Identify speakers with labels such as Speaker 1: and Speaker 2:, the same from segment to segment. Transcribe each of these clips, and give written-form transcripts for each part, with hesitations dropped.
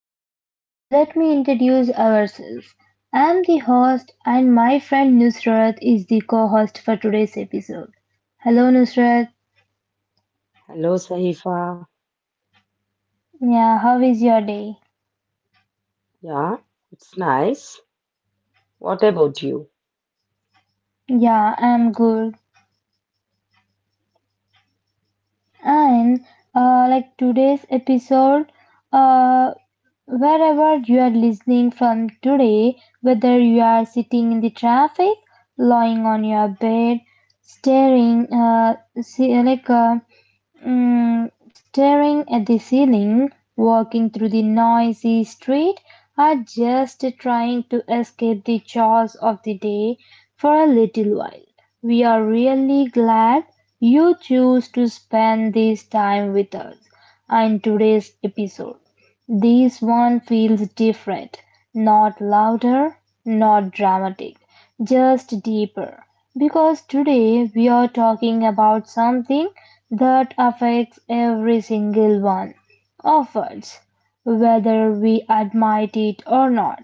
Speaker 1: Firstly, let me introduce ourselves. I'm the host and my friend Nusrat is the co-host for today's episode. Hello Nusrat.
Speaker 2: Hello, Sahifa.
Speaker 1: Yeah, how is your day?
Speaker 2: Yeah, it's nice. What about you?
Speaker 1: Yeah, I'm good. And like today's episode, uh, wherever you are listening from today, whether you are sitting in the traffic, lying on your bed, staring, see, like Mm, staring at the ceiling, walking through the noisy street, or just trying to escape the chores of the day for a little while. We are really glad you choose to spend this time with us in today's episode. This one feels different, not louder, not dramatic, just deeper. Because today we are talking about something that affects every single one of us, whether we admit it or not.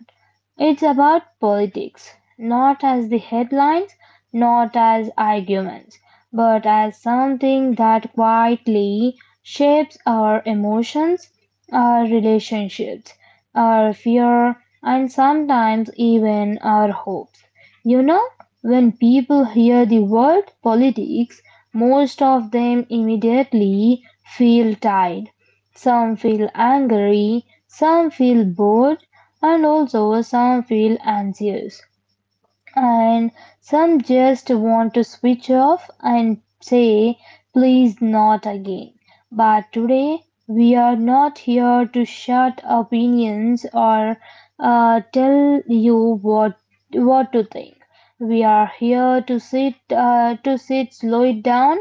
Speaker 1: It's about politics, not as the headlines, not as arguments, but as something that quietly shapes our emotions, our relationships, our fear, and sometimes even our hopes. You know, when people hear the word politics, most of them immediately feel tired, some feel angry, some feel bored, and also some feel anxious. And some just want to switch off and say, please not again. But today, we are not here to shut opinions or tell you what to think. We are here to slow it down,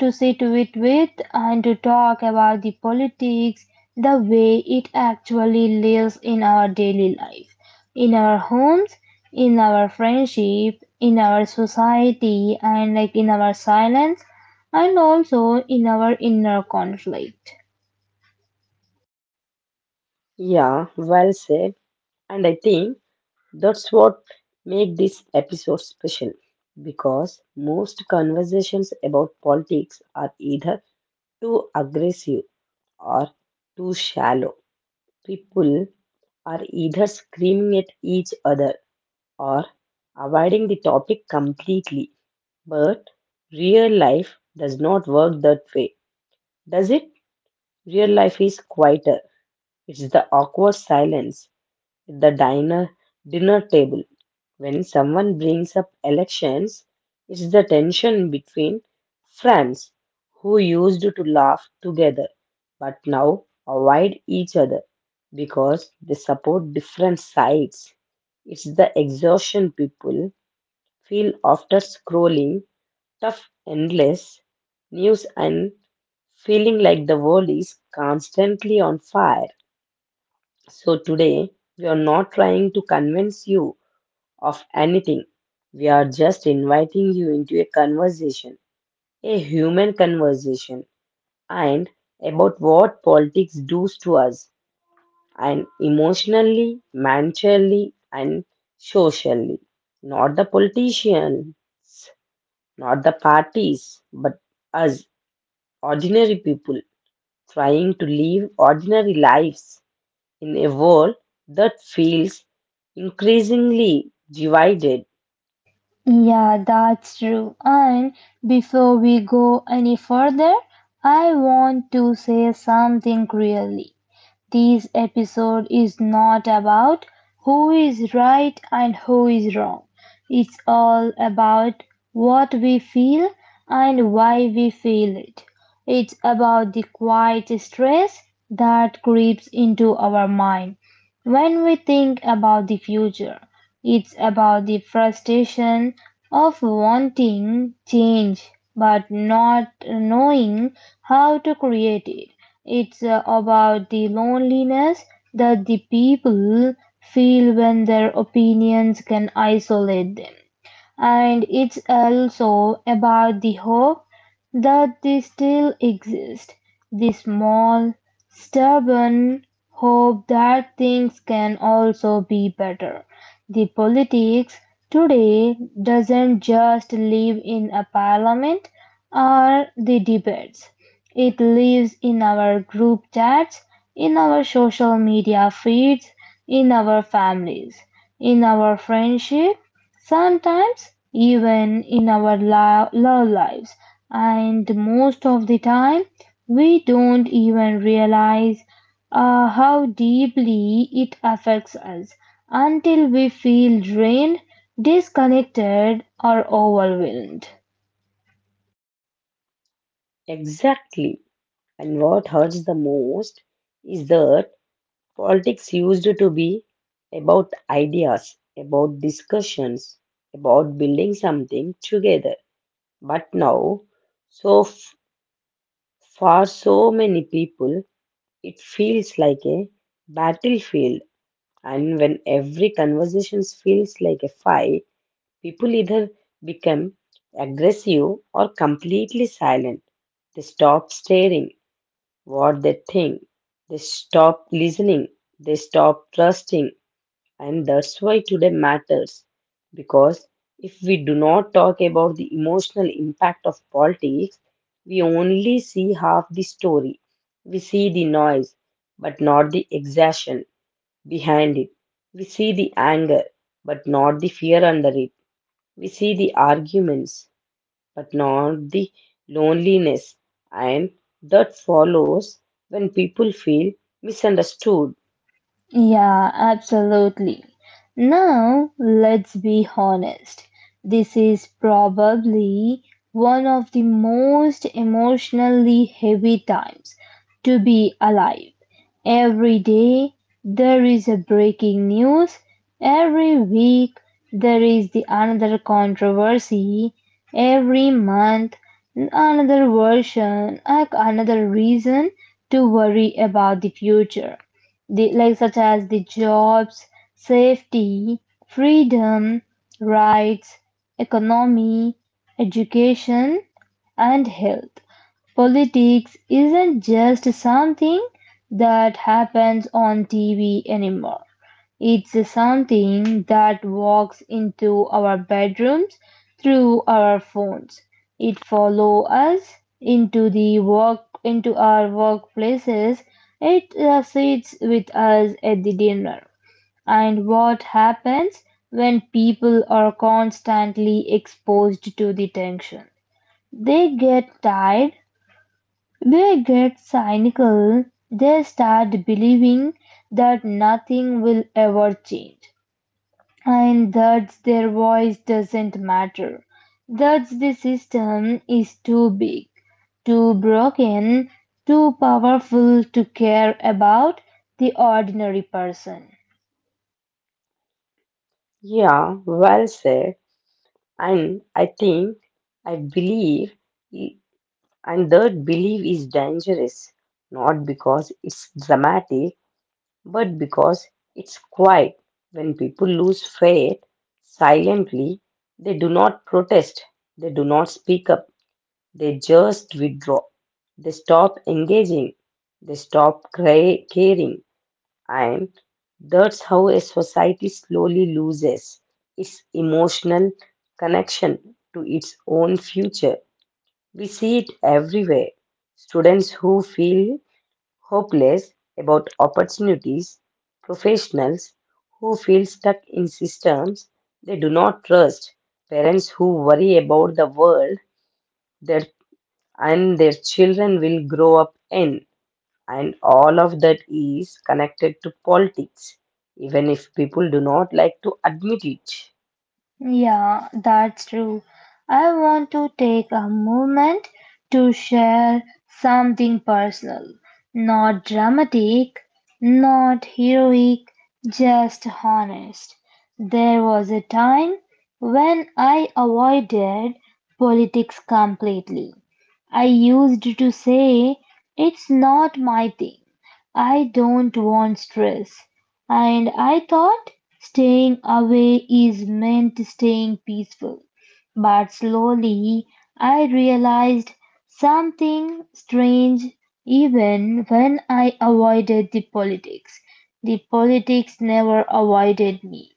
Speaker 1: to sit with and to talk about the politics the way it actually lives in our daily life, in our homes, in our friendship, in our society, and like in our silence, and also in our inner conflict.
Speaker 2: Yeah, well said. And I think that's what make this episode special because most conversations about politics are either too aggressive or too shallow. People are either screaming at each other or avoiding the topic completely. But real life does not work that way, does it? Real life is quieter. It's the awkward silence at the diner dinner table when someone brings up elections. It's the tension between friends who used to laugh together but now avoid each other because they support different sides. It's the exhaustion people feel after scrolling tough endless news and feeling like the world is constantly on fire. So today, we are not trying to convince you of anything. We are just inviting you into a conversation, a human conversation, and about what politics does to us, and emotionally, mentally, and socially. Not the politician, not the parties, but us, ordinary people, trying to live ordinary lives in a world that feels increasingly divided.
Speaker 1: Yeah, that's true. And before we go any further, I want to say something really. This episode is not about who is right and who is wrong. It's all about what we feel and why we feel it. It's about the quiet stress that creeps into our mind when we think about the future. It's about the frustration of wanting change but not knowing how to create it. It's about the loneliness that the people feel when their opinions can isolate them and it's also about the hope that they still exist. The small, stubborn hope that things can also be better. The politics today doesn't just live in a parliament or the debates. It lives in our group chats, in our social media feeds, in our families, in our friendship, sometimes even in our love lives, and most of the time we don't even realize how deeply it affects us until we feel drained, disconnected, or overwhelmed.
Speaker 2: Exactly. And what hurts the most is that politics used to be about ideas, about discussions, about building something together. But now, so f- for so many people, it feels like a battlefield. And when every conversation feels like a fight, people either become aggressive or completely silent. They stop staring what they think. They stop listening. They stop trusting. And that's why today matters. Because if we do not talk about the emotional impact of politics, we only see half the story. We see the noise, but not the exhaustion behind it. We see the anger, but not the fear under it. We see the arguments, but not the loneliness and that follows when people feel misunderstood.
Speaker 1: Yeah, absolutely. Now, let's be honest. This is probably one of the most emotionally heavy times to be alive. Every day there is a breaking news. Every week there is the another controversy. Every month another version, like another reason to worry about the future the, like such as the jobs, safety, freedom, rights, economy, education, and health. Politics isn't just something that happens on TV anymore. It's something that walks into our bedrooms through our phones. It follows us into the work into our workplaces. It sits with us at the dinner. And what happens when people are constantly exposed to the tension? They get tired, they get cynical, they start believing that nothing will ever change and thus their voice doesn't matter. Thus the system is too big, too broken, too powerful to care about the ordinary person.
Speaker 2: Yeah, well said. And I think I believe, I- and that belief is dangerous, not because it's dramatic, but because it's quiet. When people lose faith silently, they do not protest, they do not speak up. They just withdraw. They stop engaging. They stop caring. And that's how a society slowly loses its emotional connection to its own future. We see it everywhere. Students who feel hopeless about opportunities, professionals who feel stuck in systems they do not trust, parents who worry about the world their their children will grow up in. And all of that is connected to politics, even if people do not like to admit it.
Speaker 1: Yeah, that's true. I want to take a moment to share something personal. Not dramatic, not heroic, just honest. There was a time when I avoided politics completely. I used to say, it's not my thing. I don't want stress. And I thought staying away is meant staying peaceful. But slowly I realized something strange even when I avoided the politics. The politics never avoided me.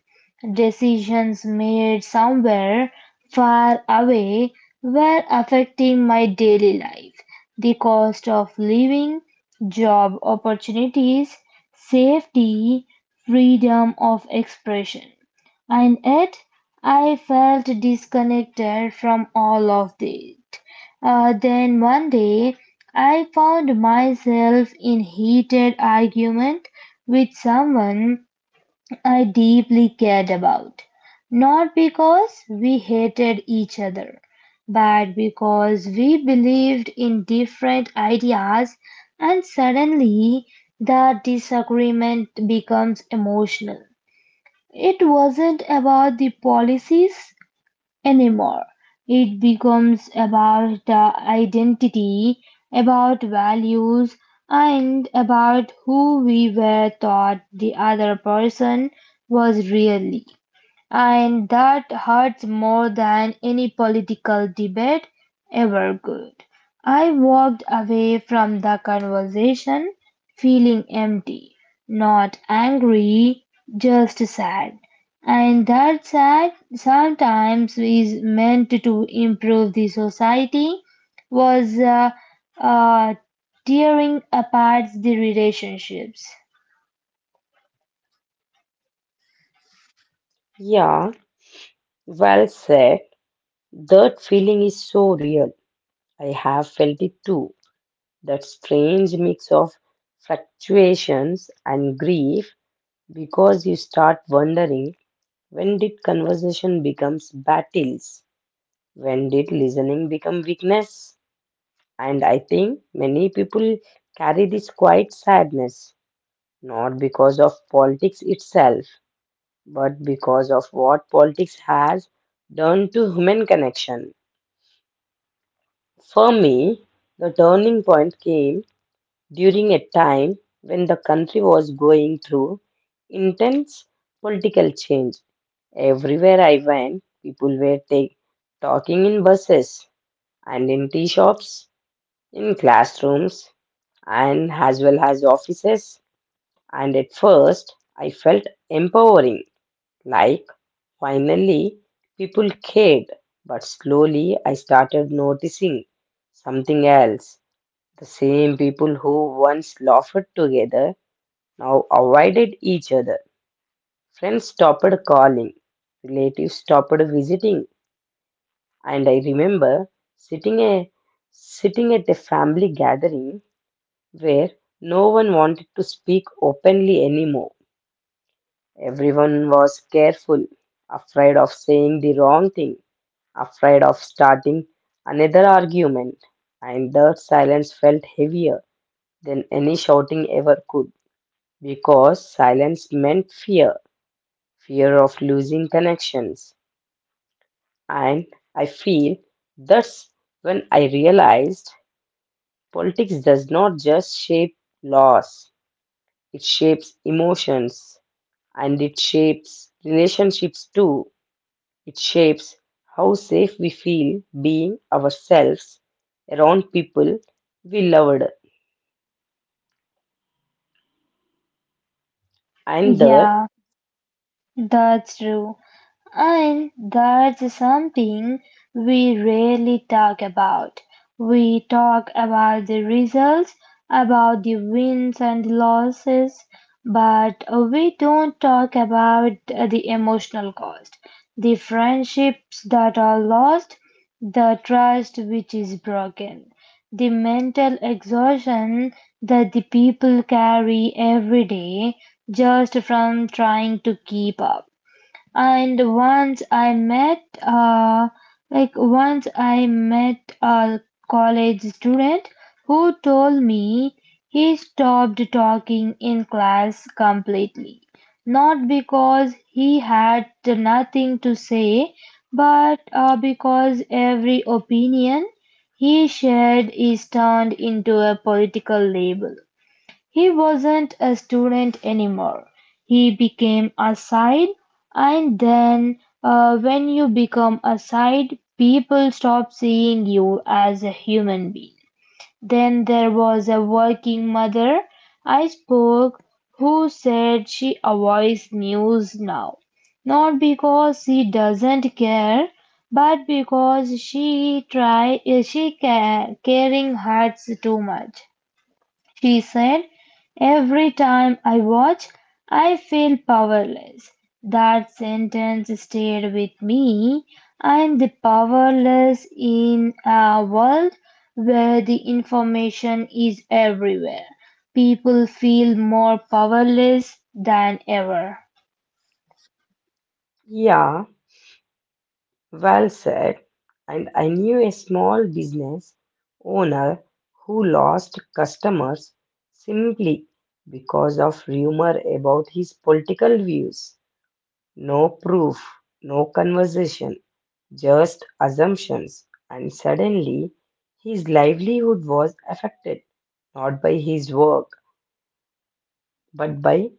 Speaker 1: Decisions made somewhere far away were affecting my daily life. The cost of living, job opportunities, safety, freedom of expression. And yet, I felt disconnected from all of it. Then one day, I found myself in heated argument with someone I deeply cared about, not because we hated each other, but because we believed in different ideas, and suddenly the disagreement becomes emotional. It wasn't about the policies, anymore. It becomes about the identity, about values, and about who we were thought the other person was really. And that hurts more than any political debate ever could. I walked away from the conversation feeling empty, not angry, just sad. And that sad sometimes is meant to improve the society was uh, tearing apart the relationships.
Speaker 2: Yeah, well said. That feeling is so real. I have felt it too. That strange mix of fluctuations and grief, because you start wondering, when did conversation becomes battles? When did listening become weakness? And I think many people carry this quiet sadness, not because of politics itself, but because of what politics has done to human connection. For me, the turning point came during a time when the country was going through intense political change. Everywhere I went, people were talking in buses and in tea shops, in classrooms and as well as offices. And at first, I felt empowering, like finally people cared. But slowly, I started noticing something else. The same people who once laughed together now avoided each other. Friends stopped calling, relatives stopped visiting, and I remember sitting a sitting at a family gathering where no one wanted to speak openly anymore. Everyone was careful, afraid of saying the wrong thing, afraid of starting another argument, and that silence felt heavier than any shouting ever could, because silence meant fear, fear of losing connections. And I feel that's when I realized politics does not just shape laws, it shapes emotions, and it shapes relationships too. It shapes how safe we feel being ourselves around people we loved. And that,
Speaker 1: Yeah, that's true. And that's something we rarely talk about. We talk about the results, about the wins and losses, but we don't talk about the emotional cost, the friendships that are lost, the trust which is broken, the mental exhaustion that the people carry every day just from trying to keep up and once I met a college student who told me he stopped talking in class completely not because he had nothing to say but because every opinion he shared is turned into a political label he wasn't a student anymore, he became a side, and then when you become a side, people stop seeing you as a human being. Then there was a working mother I spoke who said she avoids news now, not because she doesn't care, but because she try she ca- caring hurts too much. She said, every time I watch, I feel powerless. That sentence stayed with me. I'm the powerless in a world where the information is everywhere. People feel more powerless than ever.
Speaker 2: yeah, well said. And I knew a small business owner who lost customers simply because of rumor about his political views. No proof, no conversation, just assumptions. And suddenly, his livelihood was affected, not by his work but by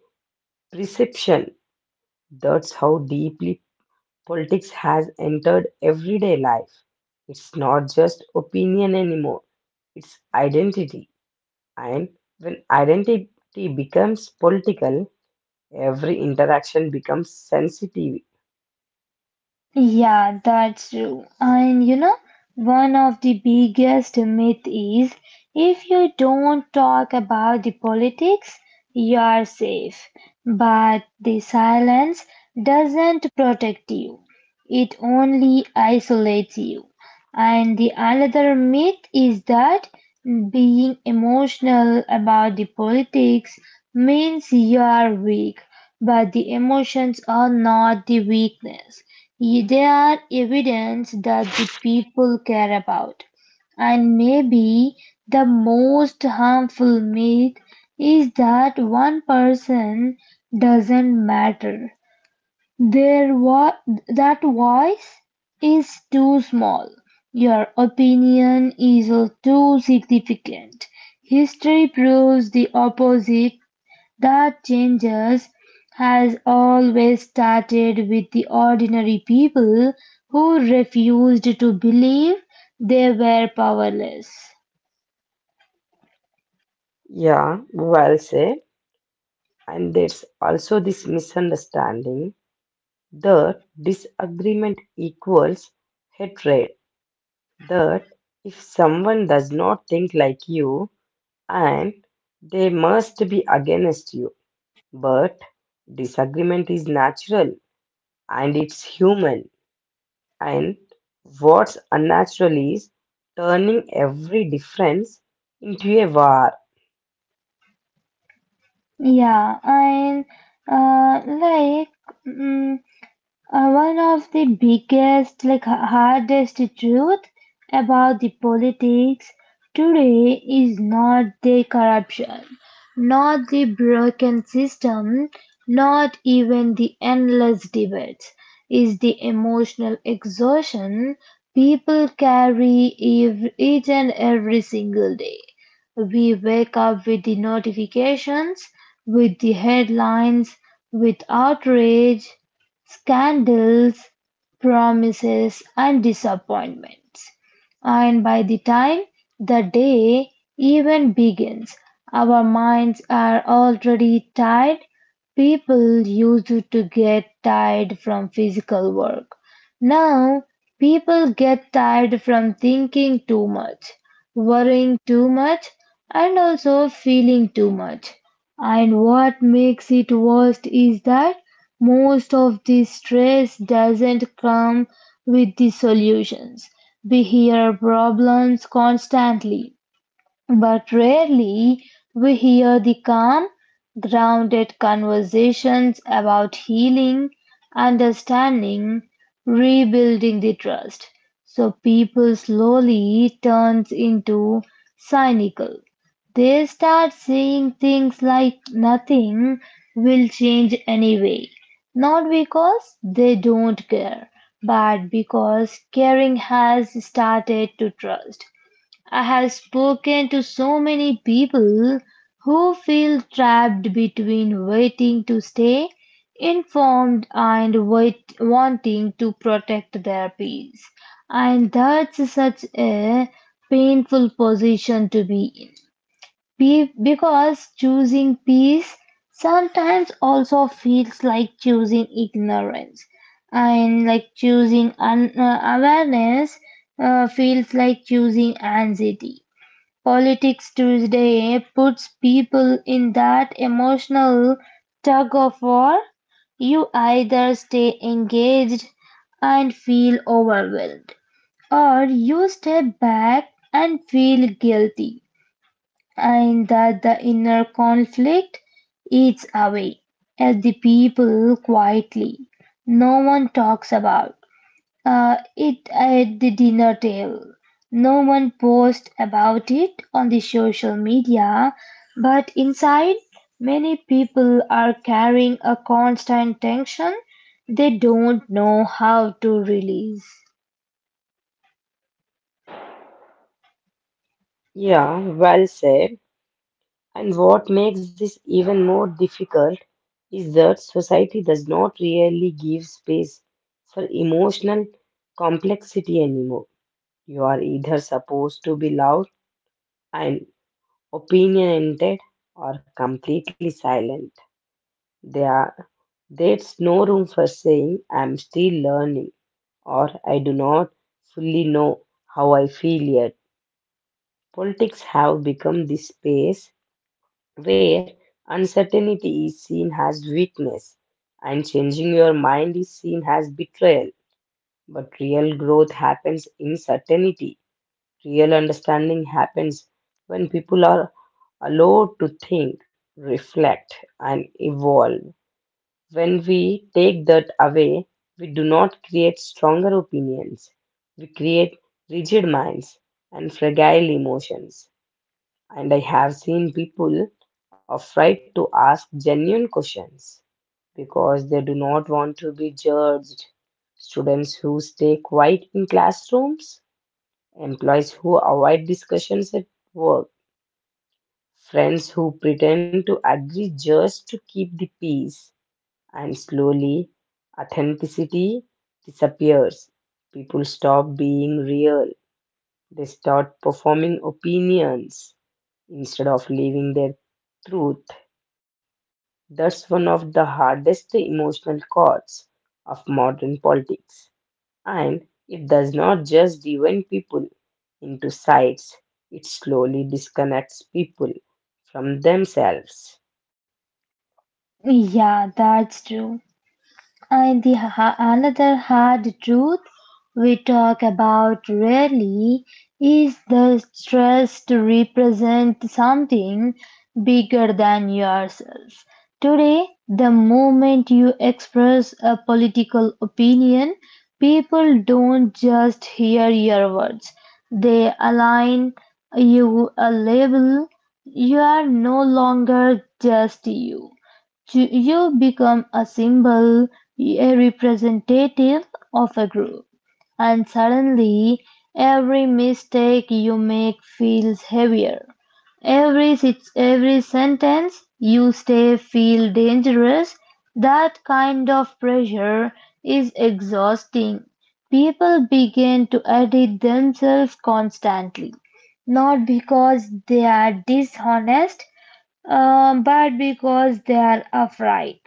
Speaker 2: perception. That's how deeply politics has entered everyday life. It's not just opinion anymore, it's identity. And when identity becomes political, every interaction becomes sensitive.
Speaker 1: Yeah, that's true. And you know, one of the biggest myth is if you don't talk about the politics, you are safe. But the silence doesn't protect you. It only isolates you. And the another myth is that being emotional about the politics means you are weak, but the emotions are not the weakness. They are evidence that the people care about. And maybe the most harmful myth is that one person doesn't matter. Their vo- that voice is too small. Your opinion is too significant. History proves the opposite that changes has always started with the ordinary people who refused to believe they were powerless.
Speaker 2: Yeah, well said. And there's also this misunderstanding that disagreement equals hatred, that if someone does not think like you, and they must be against you. But disagreement is natural and it's human. And what's unnatural is turning every difference into a war.
Speaker 1: Yeah, and uh, like. mm, One of the biggest, hardest truth about the politics today is not the corruption, not the broken system, not even the endless debates, is the emotional exhaustion people carry each and every single day. We wake up with the notifications, with the headlines, with outrage scandals, promises, and disappointments. And by the time the day even begins, our minds are already tired. People used to get tired from physical work. Now, people get tired from thinking too much, worrying too much, and also feeling too much. And what makes it worst is that most of the stress doesn't come with the solutions; we hear problems constantly. But rarely we hear the calm, grounded conversations about healing, understanding, rebuilding the trust. So people slowly turns into cynical. They start saying things like nothing will change anyway. Not because they don't care, but because caring has started to trust. I have spoken to so many people who feel trapped between waiting to stay informed and wanting to protect their peace. And that's such a painful position to be in. Be- because choosing peace sometimes also feels like choosing ignorance. And like choosing awareness feels like choosing anxiety. Politics Tuesday puts people in that emotional tug of war. You either stay engaged and feel overwhelmed, or you step back and feel guilty, and that the inner conflict eats away at the people quietly. No one talks about it at the dinner table. No one posts about it on the social media, but inside, many people are carrying a constant tension they don't know how to release.
Speaker 2: Yeah, well said. And what makes this even more difficult is that society does not really give space for emotional complexity anymore. You are either supposed to be loud and opinionated, or completely silent. There are, there's no room for saying I'm still learning, or I do not fully know how I feel yet. Politics have become this space where uncertainty is seen as weakness and changing your mind is seen as betrayal. But real growth happens in certainty. Real understanding happens when people are allowed to think, reflect, and evolve. When we take that away, we do not create stronger opinions, we create rigid minds and fragile emotions. And I have seen people afraid to ask genuine questions because they do not want to be judged. Students who stay quiet in classrooms, employees who avoid discussions at work, friends who pretend to agree just to keep the peace, and slowly authenticity disappears. People stop being real, they start performing opinions instead of living their truth. That's one of the hardest emotional chords of modern politics. And it does not just divide people into sides, it slowly disconnects people from themselves.
Speaker 1: Yeah, that's true. And the another hard truth we talk about rarely is the stress to represent something bigger than yourself. Today, the moment you express a political opinion, people don't just hear your words, they align you a label. You are no longer just you. You become a symbol, a representative of a group, and suddenly every mistake you make feels heavier. Every sentence you say feel dangerous. That kind of pressure is exhausting. People begin to edit themselves constantly, not because they are dishonest, but because they are afraid.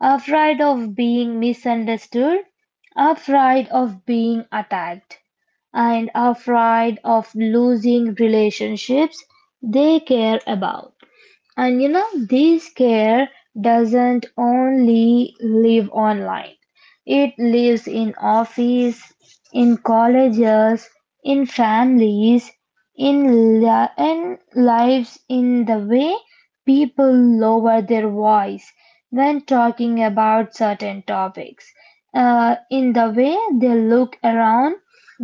Speaker 1: Afraid of being misunderstood, afraid of being attacked, and afraid of losing relationships they care about. And you know, this care doesn't only live online. It lives in office, in colleges, in families, in lives in the way people lower their voice when talking about certain topics, in the way they look around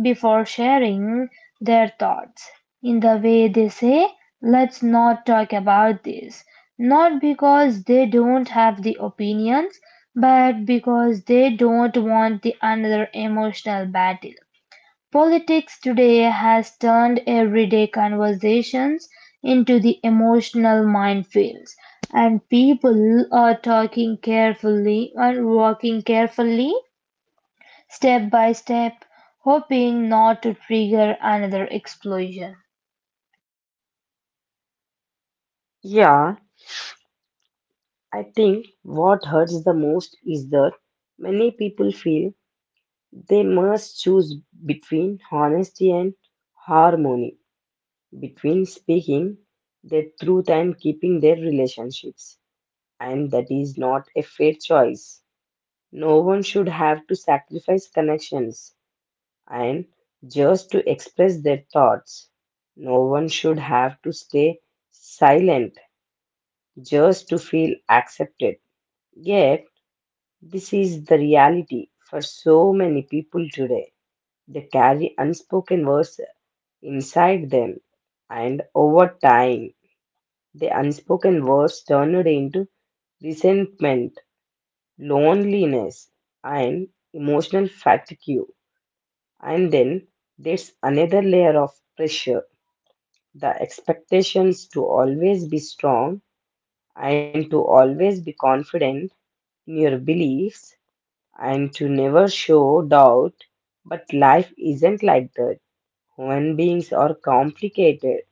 Speaker 1: before sharing their thoughts. In the way they say, let's not talk about this. Not because they don't have the opinions, but because they don't want the another emotional battle. Politics today has turned everyday conversations into the emotional minefields, and people are talking carefully and walking carefully step by step, hoping not to trigger another explosion.
Speaker 2: Yeah, I think what hurts the most is that many people feel they must choose between honesty and harmony, between speaking their truth and keeping their relationships. And that is not a fair choice. No one should have to sacrifice connections and just to express their thoughts. No one should have to stay silent just to feel accepted. Yet, this is the reality for so many people today. They carry unspoken words inside them, and over time, the unspoken words turned into resentment, loneliness, and emotional fatigue. And then there's another layer of pressure, the expectations to always be strong, and to always be confident in your beliefs, and to never show doubt. But life isn't like that. Human beings are complicated.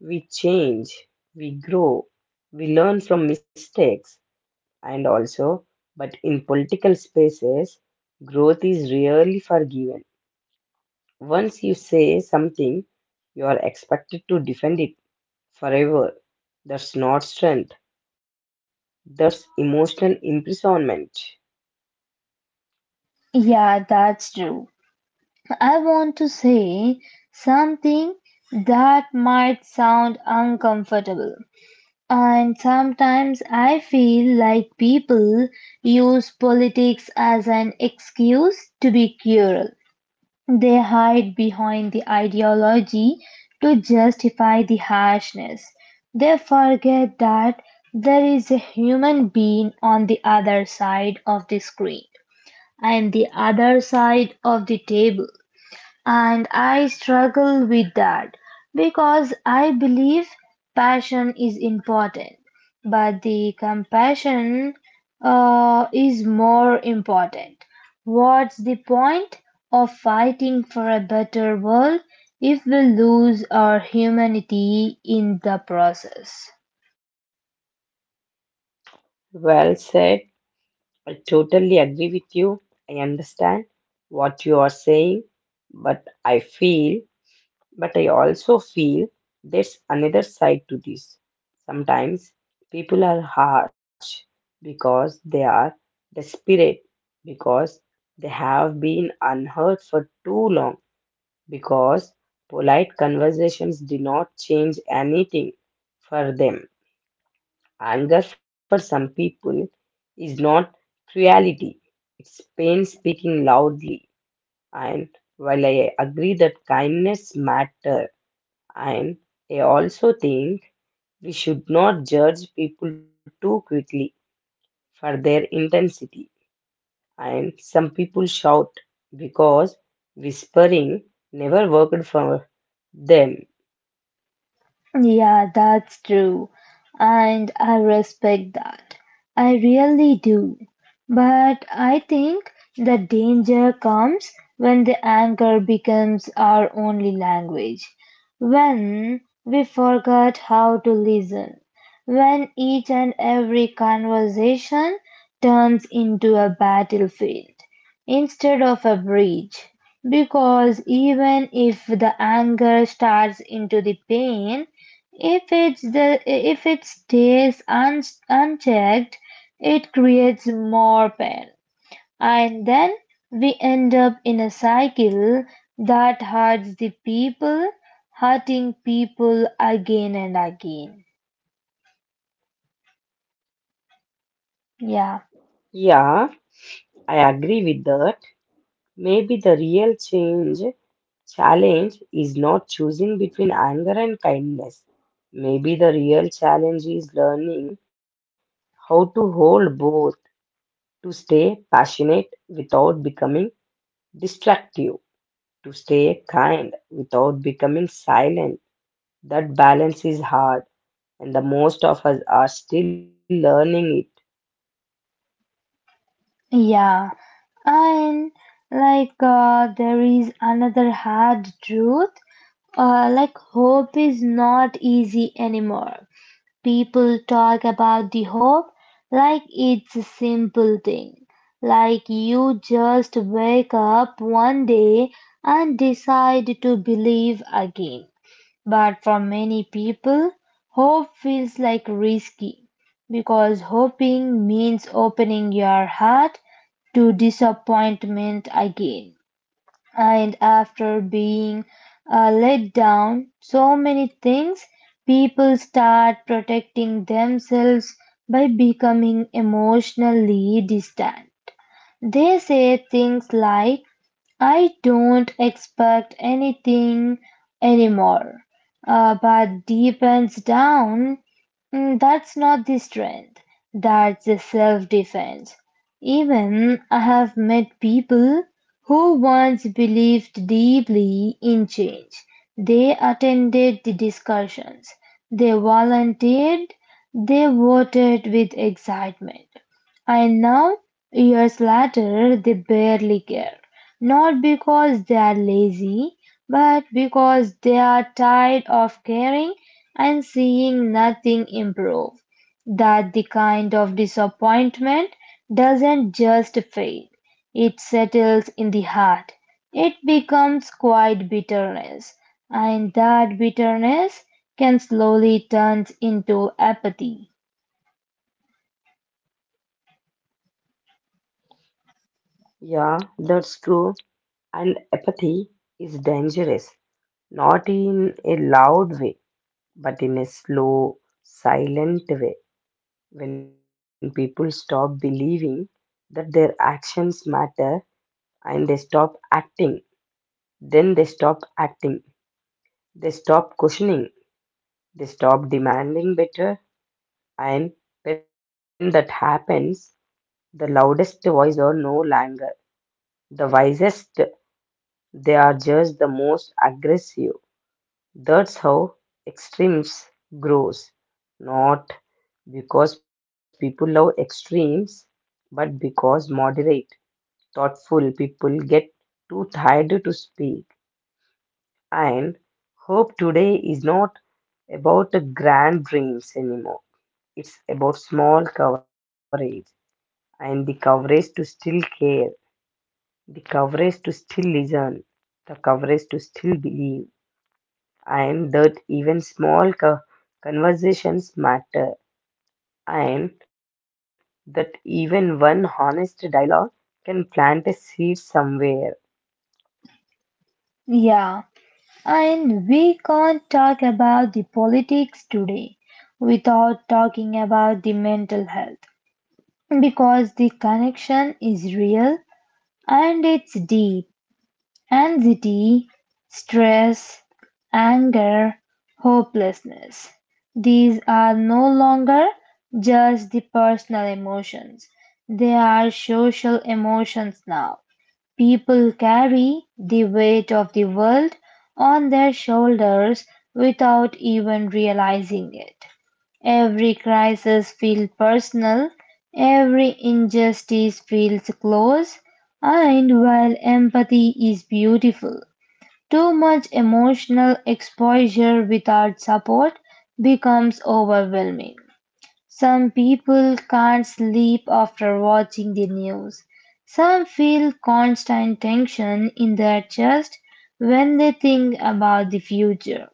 Speaker 2: We change, we grow, we learn from mistakes, and also, but in political spaces, growth is rarely forgiven. Once you say something, you are expected to defend it forever. That's not strength, that's emotional imprisonment.
Speaker 1: Yeah, that's true. I want to say something that might sound uncomfortable. And sometimes I feel like people use politics as an excuse to be cruel. They hide behind the ideology to justify the harshness. They forget that there is a human being on the other side of the screen and the other side of the table and I struggle with that because I believe passion is important, but the compassion is more important. What's the point of fighting for a better world if we lose our humanity in the process?
Speaker 2: Well said. I totally agree with you. I understand what you are saying, but I feel but I also feel there's another side to this. Sometimes people are harsh because they are desperate, because they have been unheard for too long, because polite conversations do not change anything for them. Anger for some people is not cruelty, it's pain speaking loudly. And while I agree that kindness matters, and I also think we should not judge people too quickly for their intensity. And some people shout because whispering never worked for them.
Speaker 1: Yeah, that's true. And I respect that. I really do. But I think the danger comes when the anger becomes our only language. When we forget how to listen. When each and every conversation turns into a battlefield instead of a bridge. Because even if the anger starts into the pain, if it stays unchecked, it creates more pain, and then we end up in a cycle that hurts the people, hurting people again and again. Yeah,
Speaker 2: Yeah, I agree with that. Maybe the real change challenge is not choosing between anger and kindness. Maybe the real challenge is learning how to hold both, to stay passionate without becoming distract you, to stay kind without becoming silent. That balance is hard, and the most of us are still learning it.
Speaker 1: yeah, and there is another hard truth. Like hope is not easy anymore. People talk about the hope like it's a simple thing, like you just wake up one day and decide to believe again. But for many people, hope feels like risky because hoping means opening your heart to disappointment again. And after being let down so many things, people start protecting themselves by becoming emotionally distant. They say things like, I don't expect anything anymore. But deep and down, that's not the strength. That's the self defense. Even I have met people who once believed deeply in change. They attended the discussions, they volunteered, they voted with excitement. And now, years later, they barely care. Not because they are lazy, but because they are tired of caring and seeing nothing improve. That the kind of disappointment doesn't just fade, it settles in the heart. It becomes quiet bitterness, and that bitterness can slowly turn into apathy.
Speaker 2: Yeah, that's true. And apathy is dangerous, not in a loud way, but in a slow, silent way. When people stop believing that their actions matter and they stop acting, then they stop acting, they stop questioning, they stop demanding better. And when that happens, the loudest voice are no longer the wisest, they are just the most aggressive. That's how extremes grows. Not because people love extremes, but because moderate, thoughtful people get too tired to speak. And hope today is not about the grand dreams anymore. It's about small coverage, and the coverage to still care, the coverage to still listen, the coverage to still believe, and that even small conversations matter, and that even one honest dialogue can plant a seed somewhere.
Speaker 1: Yeah. And we can't talk about the politics today without talking about the mental health because the connection is real and it's deep. Anxiety, stress, anger, hopelessness. These are no longer just the personal emotions, they are social emotions now. People carry the weight of the world on their shoulders without even realizing it. Every crisis feels personal, every injustice feels close, and while empathy is beautiful, too much emotional exposure without support becomes overwhelming. Some people can't sleep after watching the news. Some feel constant tension in their chest when they think about the future.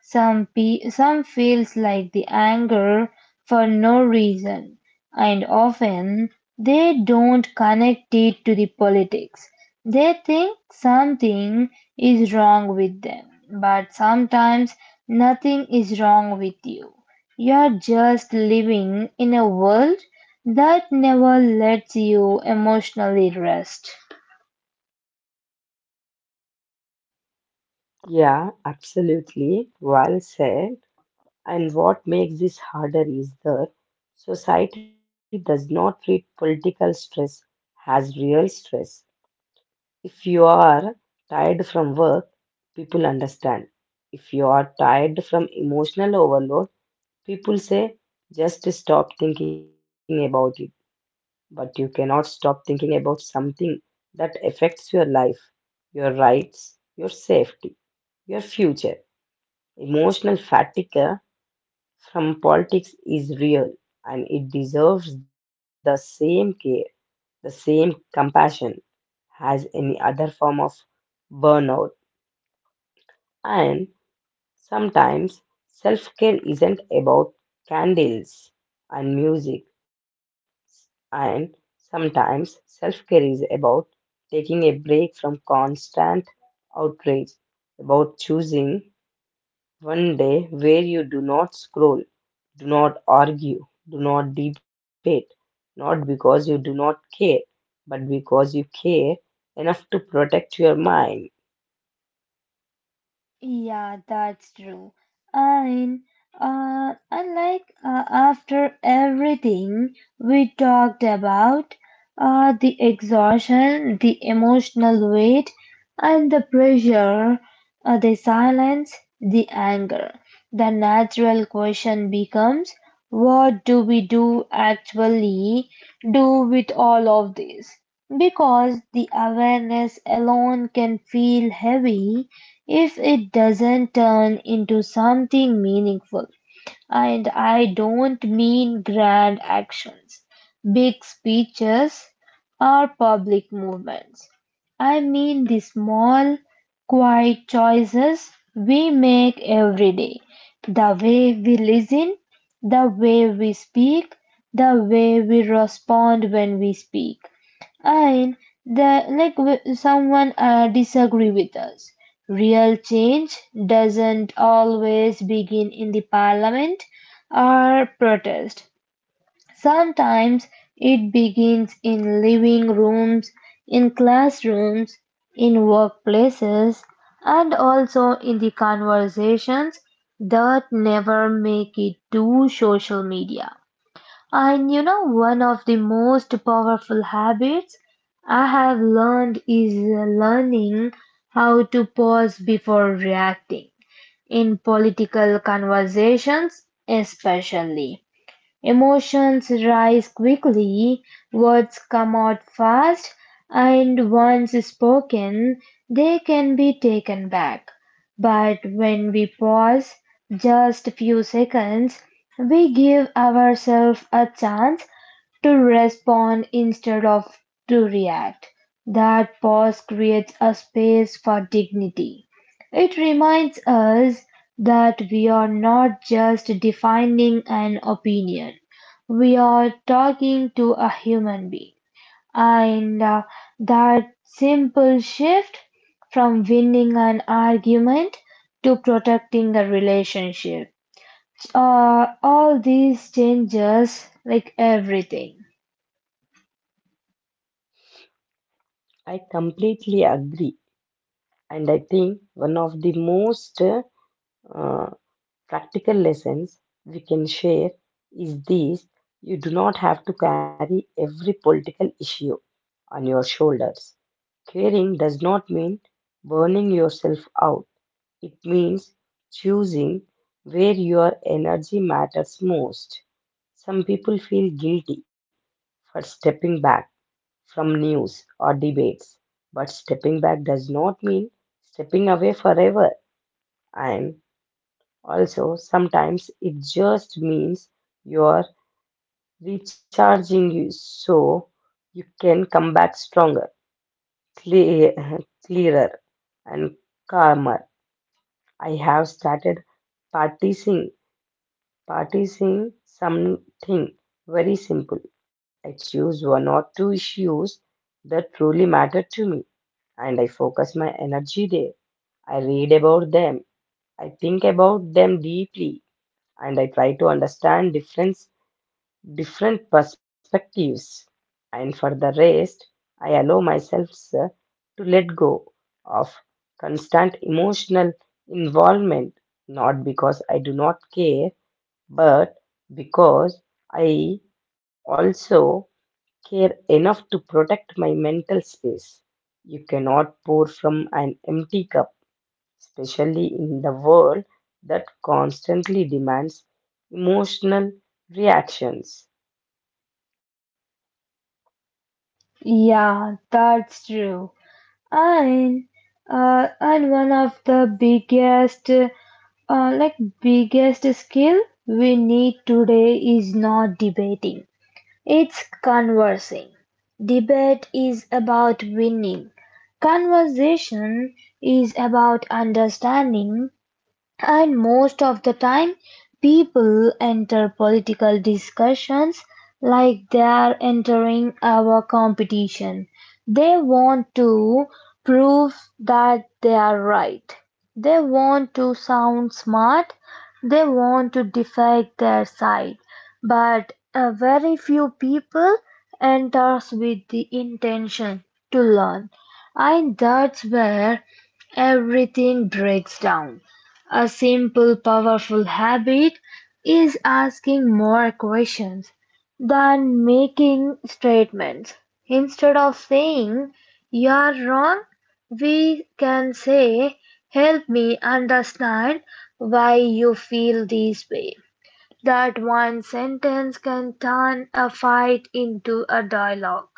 Speaker 1: Some, some feels like the anger for no reason, and often they don't connect it to the politics. They think something is wrong with them, but sometimes nothing is wrong with you. You're just living in a world that never lets you emotionally rest.
Speaker 2: Yeah, absolutely. Well said. And what makes this harder is that society does not treat political stress as real stress. If you are tired from work, people understand. If you are tired from emotional overload, people say just stop thinking about it. But you cannot stop thinking about something that affects your life, your rights, your safety, your future. Emotional fatigue from politics is real, and it deserves the same care, the same compassion as any other form of burnout. And sometimes self care isn't about candles and music, and sometimes self care is about taking a break from constant outrage, about choosing one day where you do not scroll, do not argue, do not debate, not because you do not care, but because you care enough to protect your mind.
Speaker 1: Yeah, that's true. And and after everything we talked about, the exhaustion, the emotional weight, and the pressure, the silence, the anger, the natural question becomes, what do we do actually do with all of this? Because the awareness alone can feel heavy if it doesn't turn into something meaningful and I don't mean grand actions, big speeches, or public movements. I mean the small, quiet choices we make every day. The way we listen, the way we speak, the way we respond when we speak and the someone disagree with us real change doesn't always begin in the parliament or protest sometimes it begins in living rooms, in classrooms, in workplaces, and also in the conversations that never make it to social media. And you know, one of the most powerful habits I have learned is learning how to pause before reacting in political conversations, especially. Emotions rise quickly, words come out fast, and once spoken, they can be taken back. But when we pause just a few seconds, we give ourselves a chance to respond instead of to react. That pause creates a space for dignity. It reminds us that we are not just defining an opinion, we are talking to a human being. And that simple shift from winning an argument to protecting a relationship. All these changes like everything.
Speaker 2: I completely agree, and I think one of the most uh, practical lessons we can share is this: you do not have to carry every political issue on your shoulders. Caring does not mean burning yourself out, it means choosing where your energy matters most. Some people feel guilty for stepping back from news or debates, but stepping back does not mean stepping away forever. And also, sometimes it just means you're recharging you so you can come back stronger, clear, clearer, and calmer. I have started practicing, practicing something very simple. I choose one or two issues that truly matter to me and I focus my energy there. I read about them. I think about them deeply and I try to understand different perspectives. And for the rest, I allow myself sir, to let go of constant emotional involvement, not because I do not care, but because I also care enough to protect my mental space. You cannot pour from an empty cup, especially in the world that constantly demands emotional reactions.
Speaker 1: Yeah, that's true. and and one of the like biggest skill we need today is not debating, it's conversing. Debate is about winning, conversation is about understanding, and most of the time, people enter political discussions like they are entering our competition. They want to prove that they are right. They want to sound smart. They want to defend their side. But very few people enters with the intention to learn. And that's where everything breaks down. A simple, powerful habit is asking more questions than making statements. Instead of saying, you're wrong, we can say, help me understand why you feel this way. That one sentence can turn a fight into a dialogue.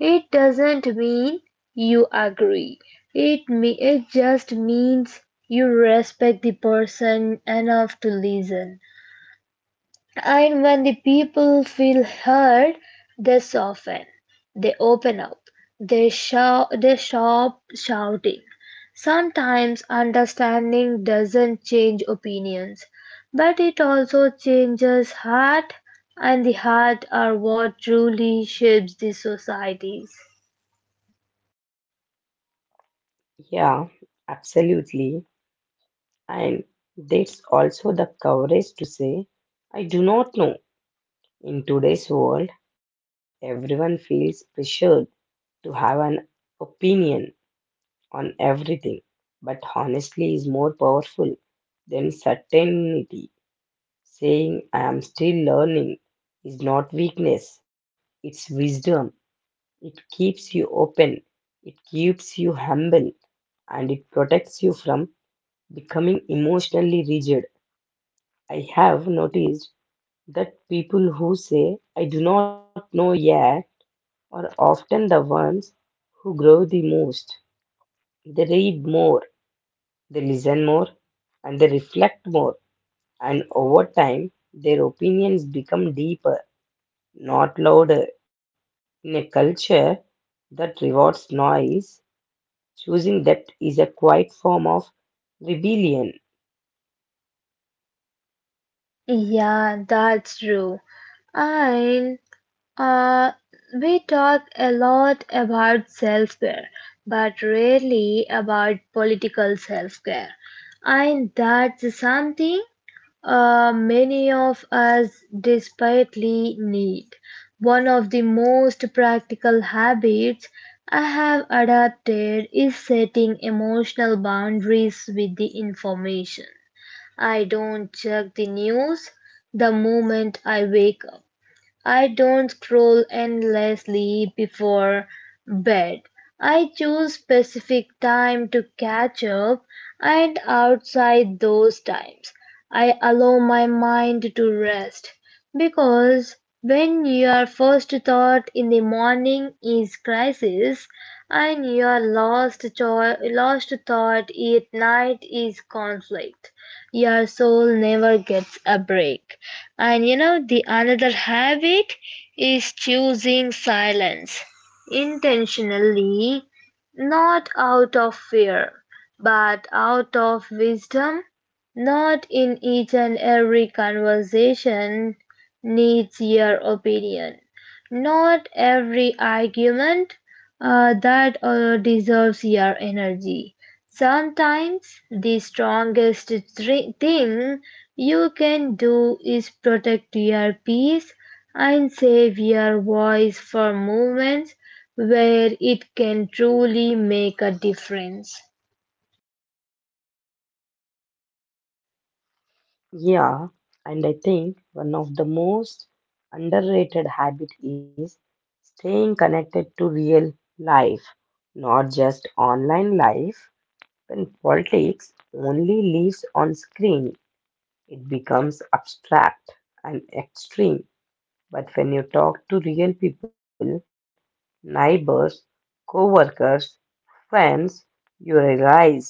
Speaker 1: It doesn't mean you agree. It just means you respect the person enough to listen. And when the people feel heard, they soften, they open up, they stop shouting. Sometimes understanding doesn't change opinions, but it also changes heart, and the heart are what truly shapes the societies.
Speaker 2: Yeah, absolutely. And that's also the courage to say, I do not know. In today's world, everyone feels pressured to have an opinion on everything, but honestly is more powerful than certainty. Saying I am still learning is not weakness, it's wisdom. It keeps you open, it keeps you humble, and it protects you from becoming emotionally rigid. I have noticed that people who say, I do not know yet, are often the ones who grow the most. They read more, they listen more, and they reflect more. And over time, their opinions become deeper, not louder. In a culture that rewards noise, choosing depth is a quiet form of rebellion.
Speaker 1: Yeah, that's true. And Uh, we talk a lot about self care, but rarely about political self care. And that's something many of us desperately need. One of the most practical habits I have adapted is setting emotional boundaries with the information. I don't check the news the moment I wake up. I don't scroll endlessly before bed. I choose specific time to catch up and outside those times I allow my mind to rest because when your first thought in the morning is crisis and your last thought at night is conflict your soul never gets a break. And you know, the another habit is choosing silence intentionally, not out of fear, but out of wisdom. Not in each and every conversation needs your opinion. Not every argument that deserves your energy. Sometimes the strongest thing you can do is protect your peace and save your voice for moments where it can truly make a difference.
Speaker 2: Yeah, and I think one of the most underrated habit is staying connected to real life, not just online life. When politics only lives on screen, it becomes abstract and extreme. But when you talk to real people, neighbors, co-workers, friends, you realize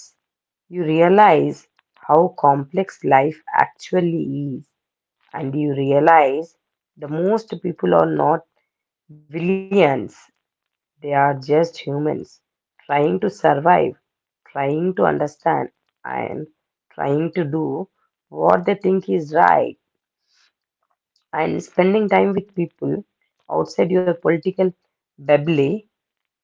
Speaker 2: you realize how complex life actually is and you realize the most people are not villains, they are just humans trying to survive, trying to understand, and trying to do what they think is right. And spending time with people outside your political bubble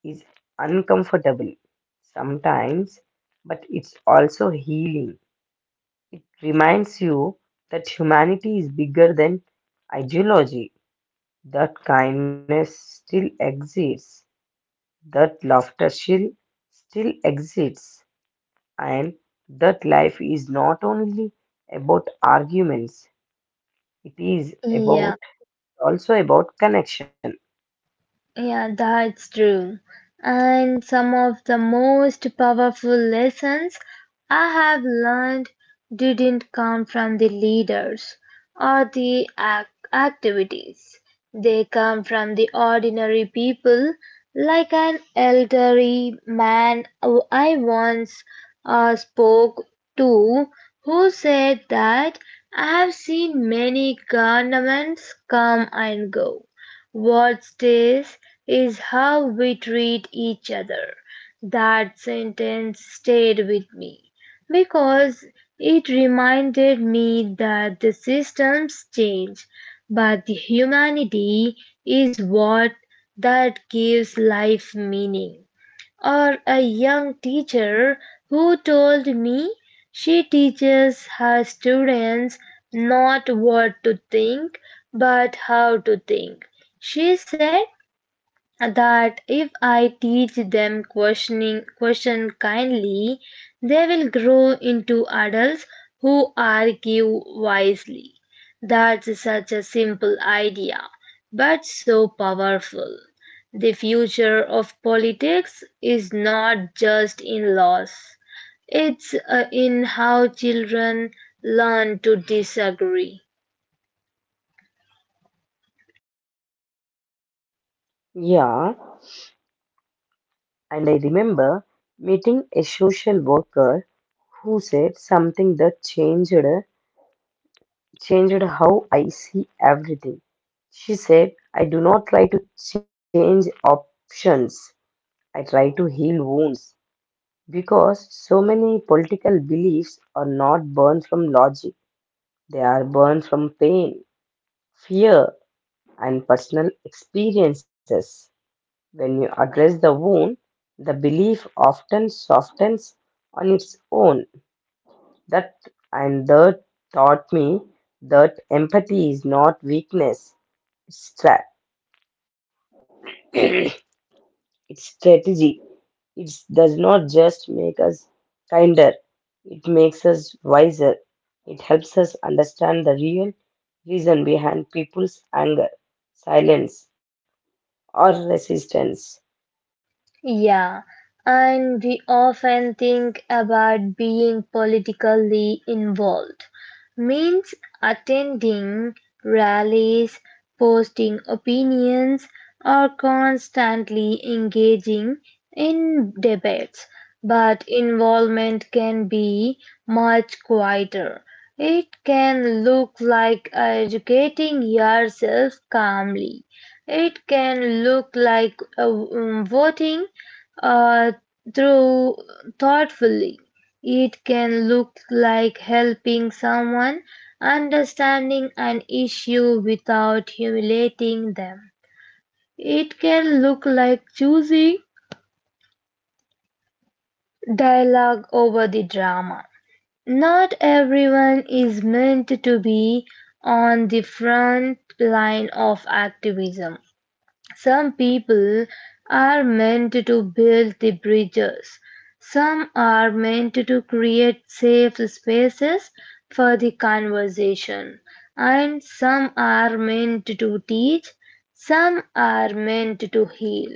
Speaker 2: is uncomfortable sometimes, but it's also healing. It reminds you that humanity is bigger than ideology. That kindness still exists, that laughter still exists, and that life is not only about arguments, it is
Speaker 1: Yeah.
Speaker 2: about also about connection.
Speaker 1: Yeah, that's true. And some of the most powerful lessons I have learned didn't come from the leaders or the activities. They come from the ordinary people, like an elderly man who I once spoke to who said that I have seen many governments come and go, what stays is how we treat each other. That sentence stayed with me because it reminded me that the systems change, but the humanity is what that gives life meaning, or a young teacher who told me she teaches her students not what to think but how to think. She said that if I teach them question kindly, they will grow into adults who argue wisely. That's such a simple idea, but so powerful. The future of politics is not just in laws. It's in how children learn to disagree.
Speaker 2: Yeah, and I remember meeting a social worker who said something that changed how I see everything. She said, I do not try to change options. I try to heal wounds. Because so many political beliefs are not born from logic, they are born from pain, fear, and personal experiences. When you address the wound, the belief often softens on its own. That that taught me that empathy is not weakness, it's, stra- it's strategy. It does not just make us kinder, it makes us wiser. It helps us understand the real reason behind people's anger, silence, or resistance.
Speaker 1: Yeah, and we often think about being politically involved means attending rallies, posting opinions, or constantly engaging in debates. But involvement can be much quieter. It can look like educating yourself calmly. It can look like voting uh, through thoughtfully. It can look like helping someone understanding an issue without humiliating them. It can look like choosing dialogue over the drama. Not everyone is meant to be on the front line of activism. Some people are meant to build the bridges. Some are meant to create safe spaces for the conversation. And some are meant to teach. Some are meant to heal.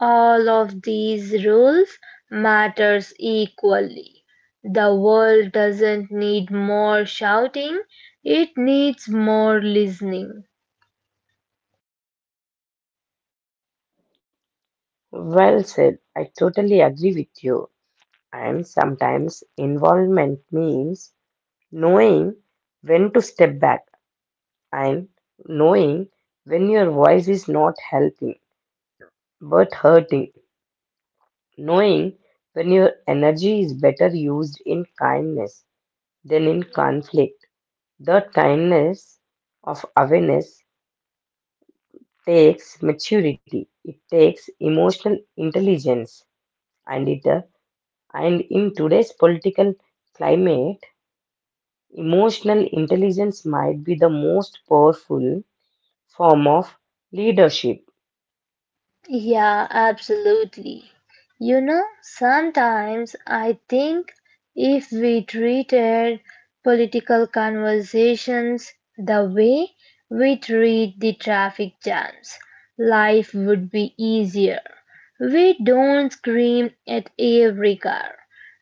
Speaker 1: All of these roles matters equally. The world doesn't need more shouting, it needs more listening.
Speaker 2: Well said. I totally agree with you. And sometimes involvement means knowing when to step back and knowing when your voice is not helping but hurting knowing when your energy is better used in kindness than in conflict. That kindness of awareness takes maturity, it takes emotional intelligence, and it and in today's political climate, emotional intelligence might be the most powerful form of leadership.
Speaker 1: Yeah, absolutely. You know, sometimes I think if we treated political conversations the way we treat the traffic jams, life would be easier. We don't scream at every car.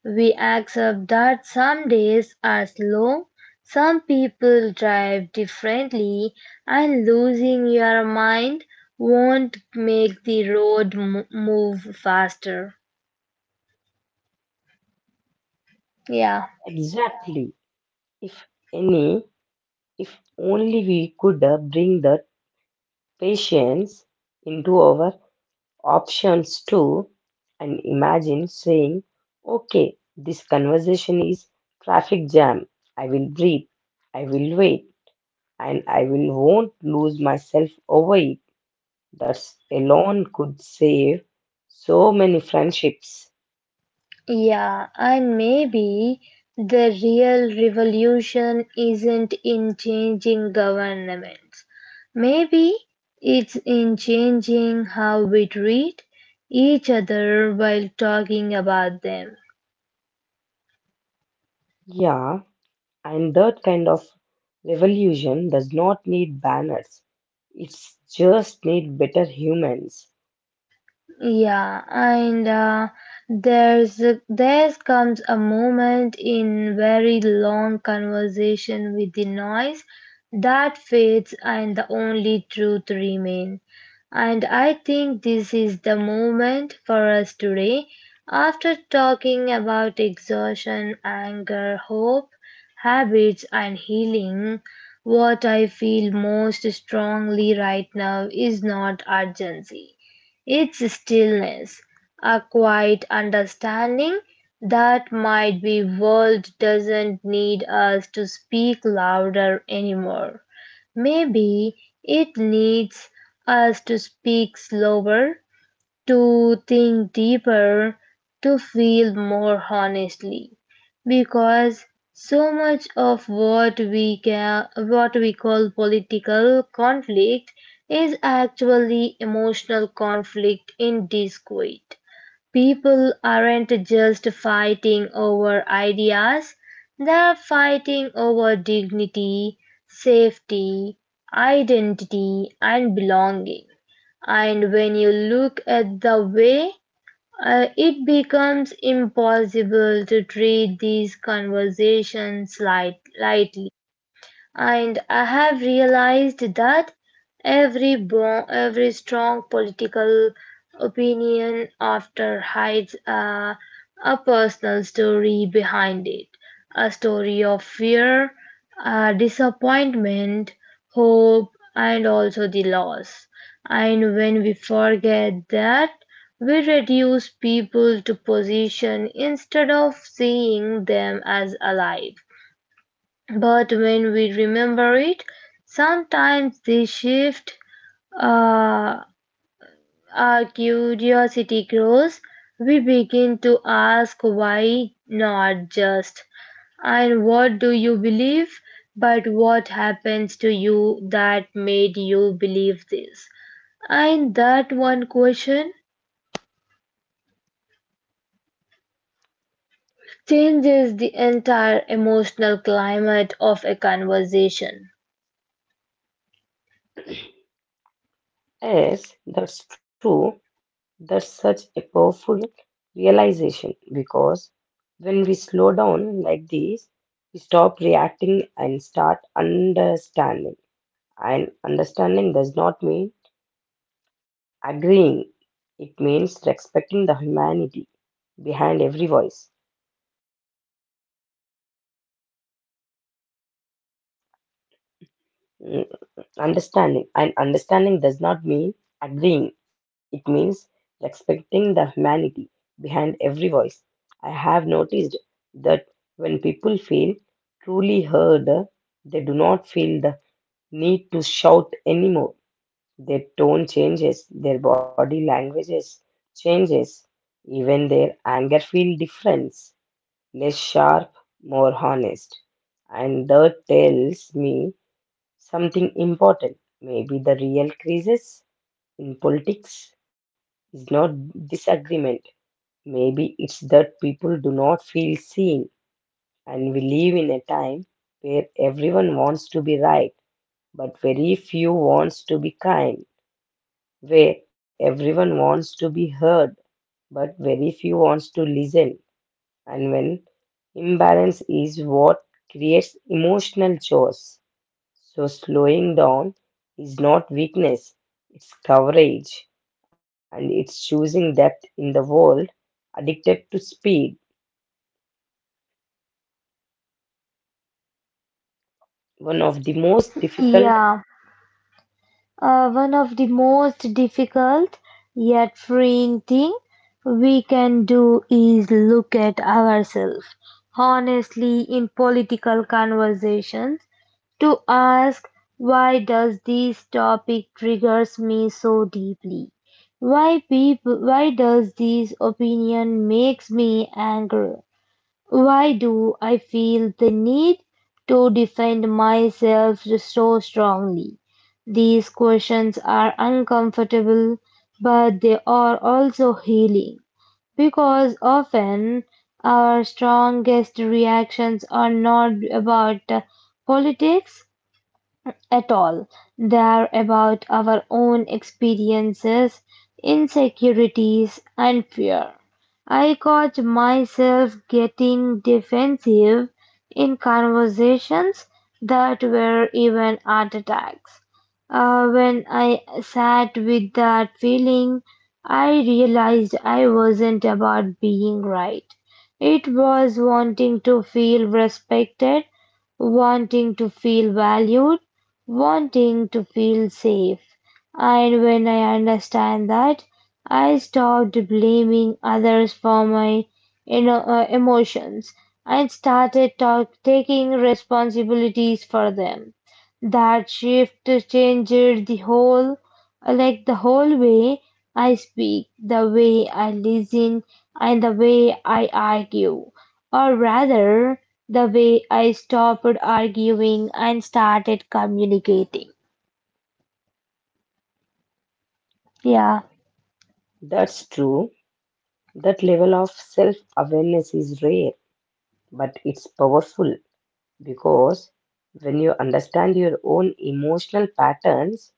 Speaker 1: We accept that some days are slow, some people drive differently, and losing your mind won't make the move faster. Yeah,
Speaker 2: Exactly, if any, if only we could bring that patience into our options too and imagine saying, okay, this conversation is traffic jam. I will breathe, I will wait, and I will won't lose myself over it. That alone could save so many friendships.
Speaker 1: yeah, and maybe the real revolution isn't in changing governments. Maybe it's in changing how we treat each other while talking about them.
Speaker 2: Yeah, and that kind of revolution does not need banners. It's just need better humans.
Speaker 1: Yeah, and there's there comes a moment in very long conversation with the noise that fades and the only truth remain. And I think this is the moment for us today. After talking about exhaustion, anger, hope, habits, and healing, what I feel most strongly right now is not urgency, its stillness, a quiet understanding that might be world doesn't need us to speak louder anymore. Maybe it needs us to speak slower, to think deeper, to feel more honestly, because so much of what we call political conflict is actually emotional conflict in disquiet. People aren't just fighting over ideas; they're fighting over dignity, safety, identity, and belonging. And when you look at the way it becomes impossible to treat these conversations lightly. And I have realized that every strong political opinion after hides a personal story behind it, a story of fear, disappointment, hope, and also the loss. And when we forget that, we reduce people to position instead of seeing them as alive. But when we remember it, sometimes they shift. Uh, our curiosity grows. We begin to ask why not just and what do you believe, but what happens to you that made you believe this. And that one question changes the entire emotional climate of a conversation.
Speaker 2: Yes, that's true. That's such a powerful realization because when we slow down like this, we stop reacting and start understanding. And understanding does not mean agreeing, it means respecting the humanity behind every voice. Understanding does not mean agreeing, it means respecting the humanity behind every voice. I have noticed that when people feel truly heard, they do not feel the need to shout anymore. Their tone changes, their body languages changes, even their anger feel different, less sharp, more honest. And that tells me something important. Maybe the real crisis in politics is not disagreement. Maybe it's that people do not feel seen, and we live in a time where everyone wants to be right, but very few wants to be kind, where everyone wants to be heard, but very few wants to listen. And when imbalance is what creates emotional chores. So slowing down is not weakness, it's coverage and it's choosing depth in the world addicted to speed. One of the most difficult,
Speaker 1: Yeah. One of the most difficult yet freeing thing we can do is look at ourselves honestly in political conversations, to ask why does this topic triggers me so deeply, why does this opinion makes me angry, why do I feel the need to defend myself so strongly. These questions are uncomfortable, but they are also healing because often our strongest reactions are not about politics at all. They are about our own experiences, insecurities, and fear. I caught myself getting defensive in conversations that were even art attacks. When I sat with that feeling, I realized I wasn't about being right. It was wanting to feel respected, wanting to feel valued, wanting to feel safe. And when I understand that, I stopped blaming others for my emotions and started taking responsibilities for them. That shift changed the whole, like the whole way I speak, the way I listen, and the way I argue. Or rather, the way I stopped arguing and started communicating. Yeah,
Speaker 2: that's true. That level of self awareness is rare, but it's powerful because when you understand your own emotional patterns,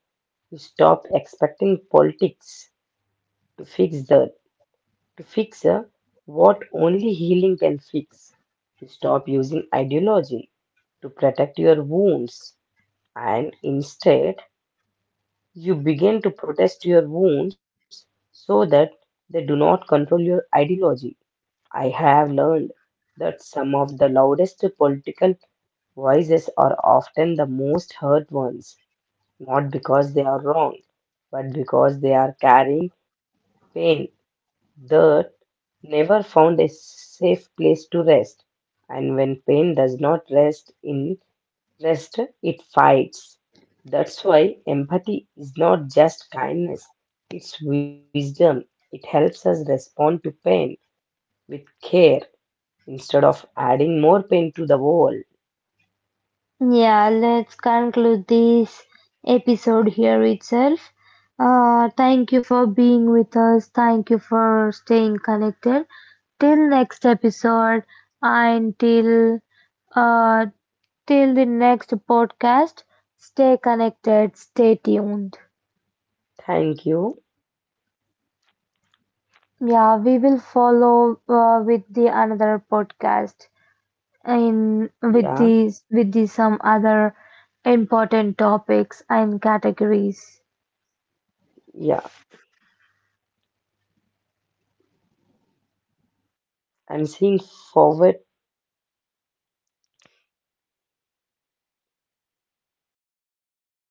Speaker 2: you stop expecting politics to fix that to fix what only healing can fix. Stop using ideology to protect your wounds and instead you begin to protest your wounds so that they do not control your ideology. I have learned that some of the loudest political voices are often the most hurt ones, not because they are wrong, but because they are carrying pain, dirt, never found a safe place to rest. And when pain does not rest, it fights. That's why empathy is not just kindness, it's wisdom. It helps us respond to pain with care instead of adding more pain to the world.
Speaker 1: yeah, let's conclude this episode here itself. Thank you for being with us. Thank you for staying connected. Till next episode, and till uh, till the next podcast, stay connected, stay tuned.
Speaker 2: Thank you.
Speaker 1: Yeah, we will follow with the another podcast, and
Speaker 2: Yeah,
Speaker 1: with these, some other important topics and categories.
Speaker 2: yeah. I'm seeing forward